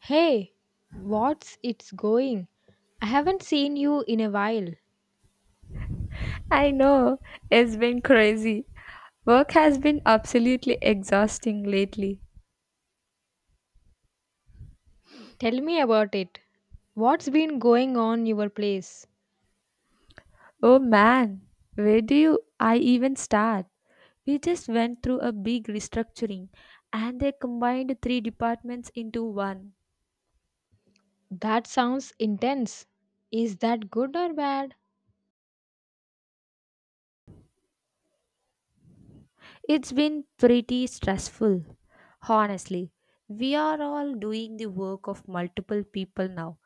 Hey, what's it's going? I haven't seen you in a while. I know, it's been crazy. Work has been absolutely exhausting lately. Tell me about it. What's been going on your place? Oh man, where do you I even start? We just went through a big restructuring and they combined three departments into one. That sounds intense. Is that good or bad? It's been pretty stressful. Honestly, we are all doing the work of multiple people now.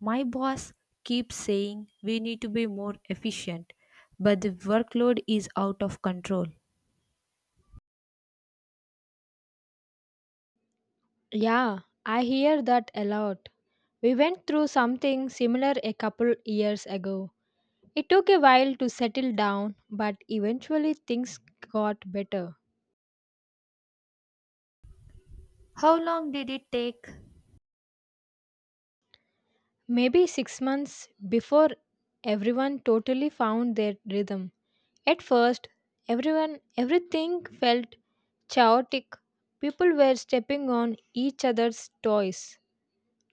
My boss keeps saying we need to be more efficient, but the workload is out of control. Yeah, I hear that a lot. We went through something similar a couple years ago. It took a while to settle down, but eventually things got better. How long did it take? Maybe 6 months before everyone totally found their rhythm. At first, everyone everything felt chaotic. People were stepping on each other's toys,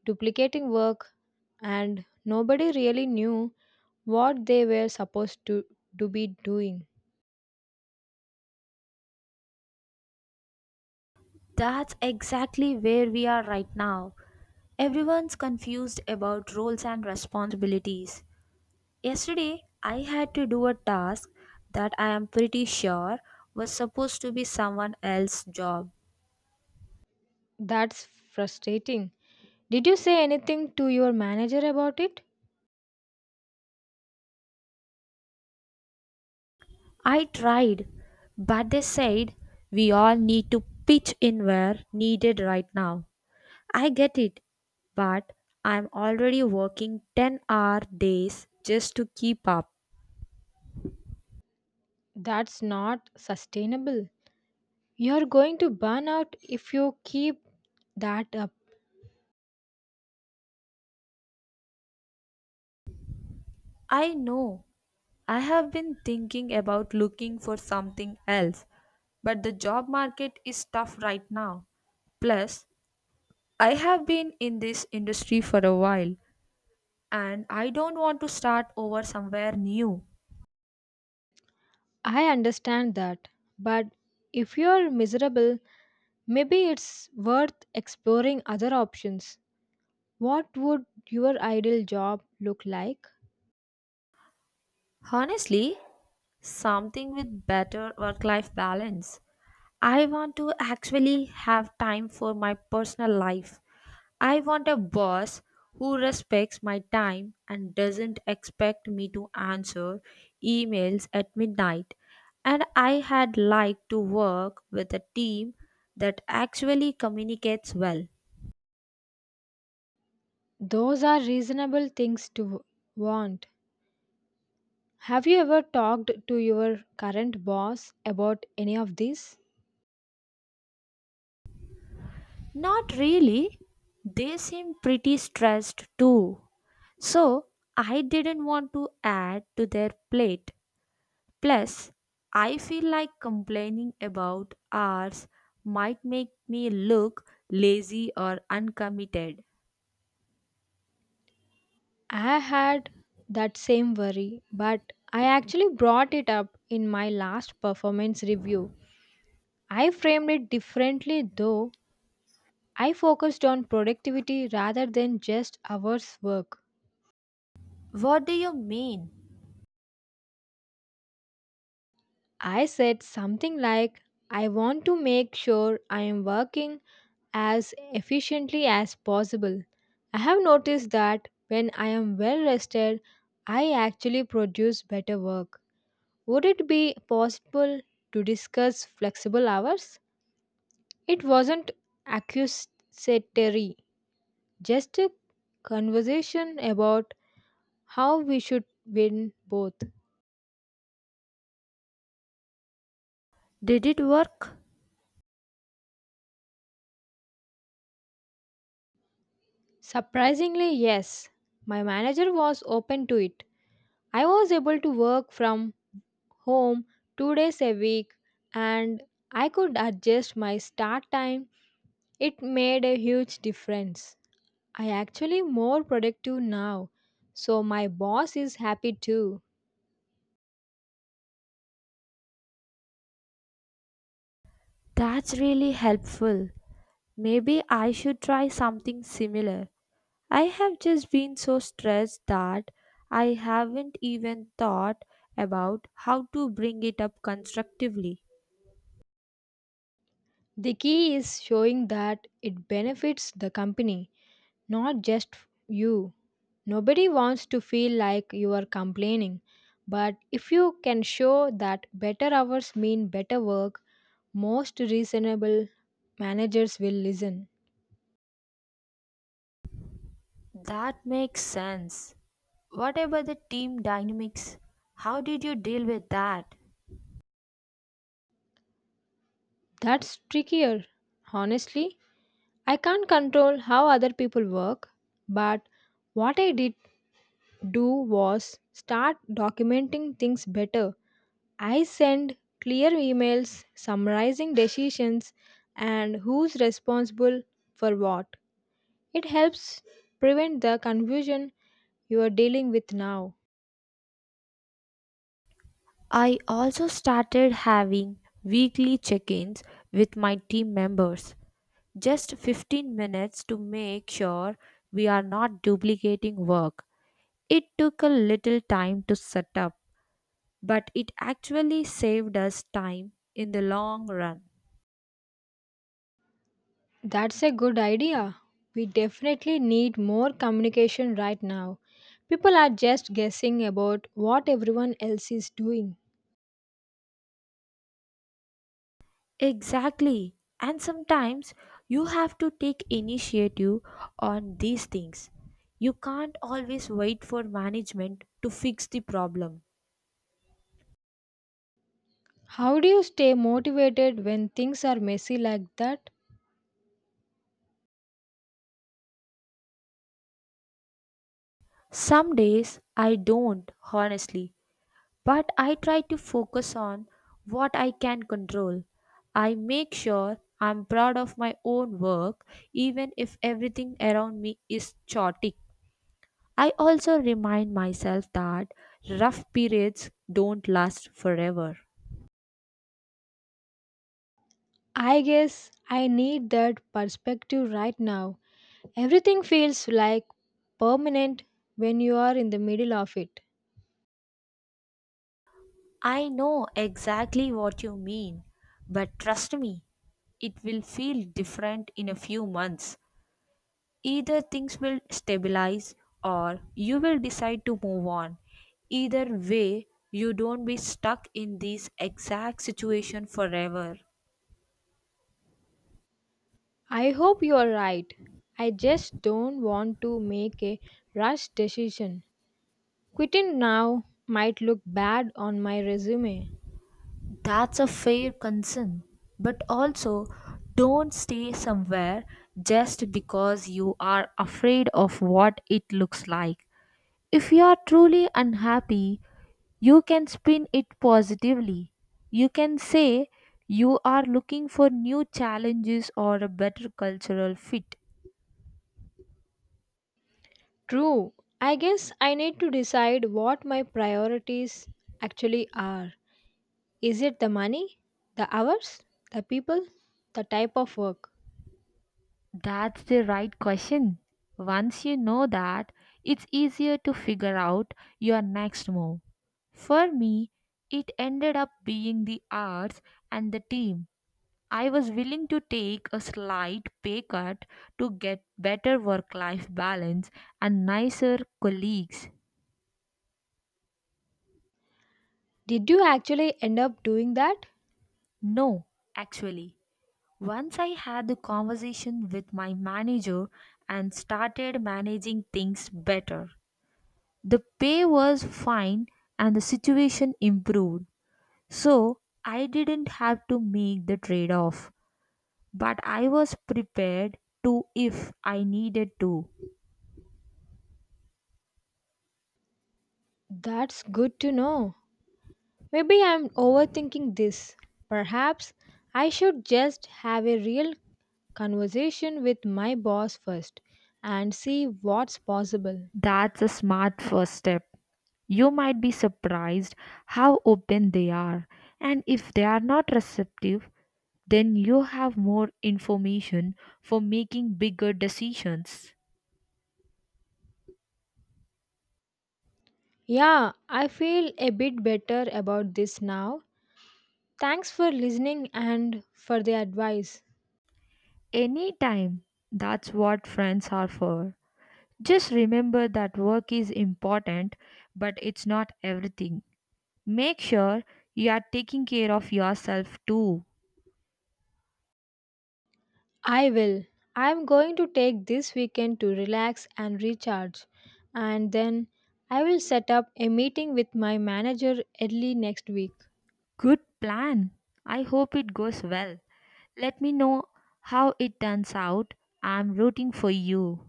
duplicating work, and nobody really knew what they were supposed to be doing. That's exactly where we are right now. Everyone's confused about roles and responsibilities. Yesterday, I had to do a task that I am pretty sure was supposed to be someone else's job. That's frustrating. Did you say anything to your manager about it? I tried, but they said we all need to pitch in where needed right now. I get it, but I'm already working 10-hour days just to keep up. That's not sustainable. You're going to burn out if you keep that up. I know I have been thinking about looking for something else, but the job market is tough right now. Plus, I have been in this industry for a while and I don't want to start over somewhere new. I understand that. But if you're miserable, maybe it's worth exploring other options. What would your ideal job look like? Honestly, something with better work life balance. I want to actually have time for my personal life. I want a boss who respects my time and doesn't expect me to answer emails at midnight. And I had liked to work with a team that actually communicates well. Those are reasonable things to want. Have you ever talked to your current boss about any of these? Not really. They seem pretty stressed too. So I didn't want to add to their plate. Plus, I feel like complaining about hours might make me look lazy or uncommitted. I had that same worry, but I actually brought it up in my last performance review. I framed it differently though. I focused on productivity rather than just hours work. What do you mean? I said something like, I want to make sure I am working as efficiently as possible. I have noticed that when I am well rested, I actually produce better work. Would it be possible to discuss flexible hours? It wasn't accusatory, just a conversation about how we should win both. Did it work? Surprisingly, yes. My manager was open to it. I was able to work from home 2 days a week and I could adjust my start time. It made a huge difference. I actually more productive now. So my boss is happy too. That's really helpful. Maybe I should try something similar. I have just been so stressed that I haven't even thought about how to bring it up constructively. The key is showing that it benefits the company, not just you. Nobody wants to feel like you are complaining, but if you can show that better hours mean better work, most reasonable managers will listen. That makes sense. What about the team dynamics? How did you deal with that? That's trickier. Honestly, I can't control how other people work, but what I did do was start documenting things better. I send clear emails summarizing decisions and who's responsible for what. It helps prevent the confusion you are dealing with now. I also started having weekly check ins with my team members, just 15 minutes to make sure we are not duplicating work. It took a little time to set up, but it actually saved us time in the long run. That's a good idea. We definitely need more communication right now. People are just guessing about what everyone else is doing. Exactly. And sometimes you have to take initiative on these things. You can't always wait for management to fix the problem. How do you stay motivated when things are messy like that? Some days I don't, honestly, but I try to focus on what I can control. I make sure I'm proud of my own work, even if everything around me is chaotic. I also remind myself that rough periods don't last forever. I guess I need that perspective right now. Everything feels like permanent when you are in the middle of it. I know exactly what you mean, but trust me, it will feel different in a few months. Either things will stabilize or you will decide to move on. Either way, you don't be stuck in this exact situation forever. I hope you are right. I just don't want to make a rash decision. Quitting now might look bad on my resume. That's a fair concern, but also don't stay somewhere just because you are afraid of what it looks like. If you are truly unhappy, you can spin it positively. You can say you are looking for new challenges or a better cultural fit. True. I guess I need to decide what my priorities actually are. Is it the money, the hours, the people, the type of work? That's the right question. Once you know that, it's easier to figure out your next move. For me, it ended up being the arts and the team. I was willing to take a slight pay cut to get better work life balance and nicer colleagues. Did you actually end up doing that? No, actually, once I had the conversation with my manager and started managing things better, the pay was fine and the situation improved. So I didn't have to make the trade off, but I was prepared to if I needed to. That's good to know. Maybe I'm overthinking this. Perhaps I should just have a real conversation with my boss first and see what's possible. That's a smart first step. You might be surprised how open they are, and if they are not receptive, then you have more information for making bigger decisions. Yeah, I feel a bit better about this now. Thanks for listening and for the advice. Anytime. That's what friends are for. Just remember that work is important, but it's not everything. Make sure you are taking care of yourself too. I will. I'm going to take this weekend to relax and recharge, and then I will set up a meeting with my manager early next week. Good plan. I hope it goes well. Let me know how it turns out. I'm rooting for you.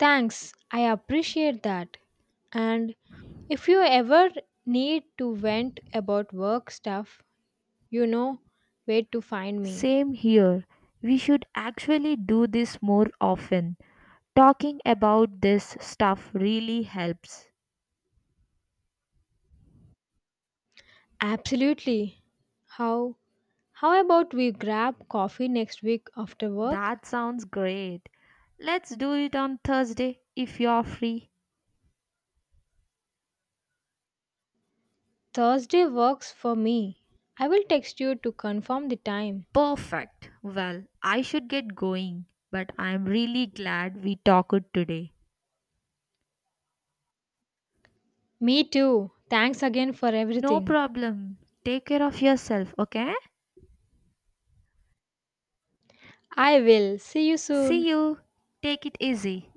Thanks, I appreciate that. And if you ever need to vent about work stuff, you know where to find me. Same here. We should actually do this more often. Talking about this stuff really helps. Absolutely. How how about we grab coffee next week after work? That sounds great. Let's do it on Thursday if you're free. Thursday works for me. I will text you to confirm the time. Perfect. Well, I should get going, but I'm really glad we talked today. Me too. Thanks again for No everything. problem. Take care of yourself, okay? I will. See you soon. See you. Take it easy.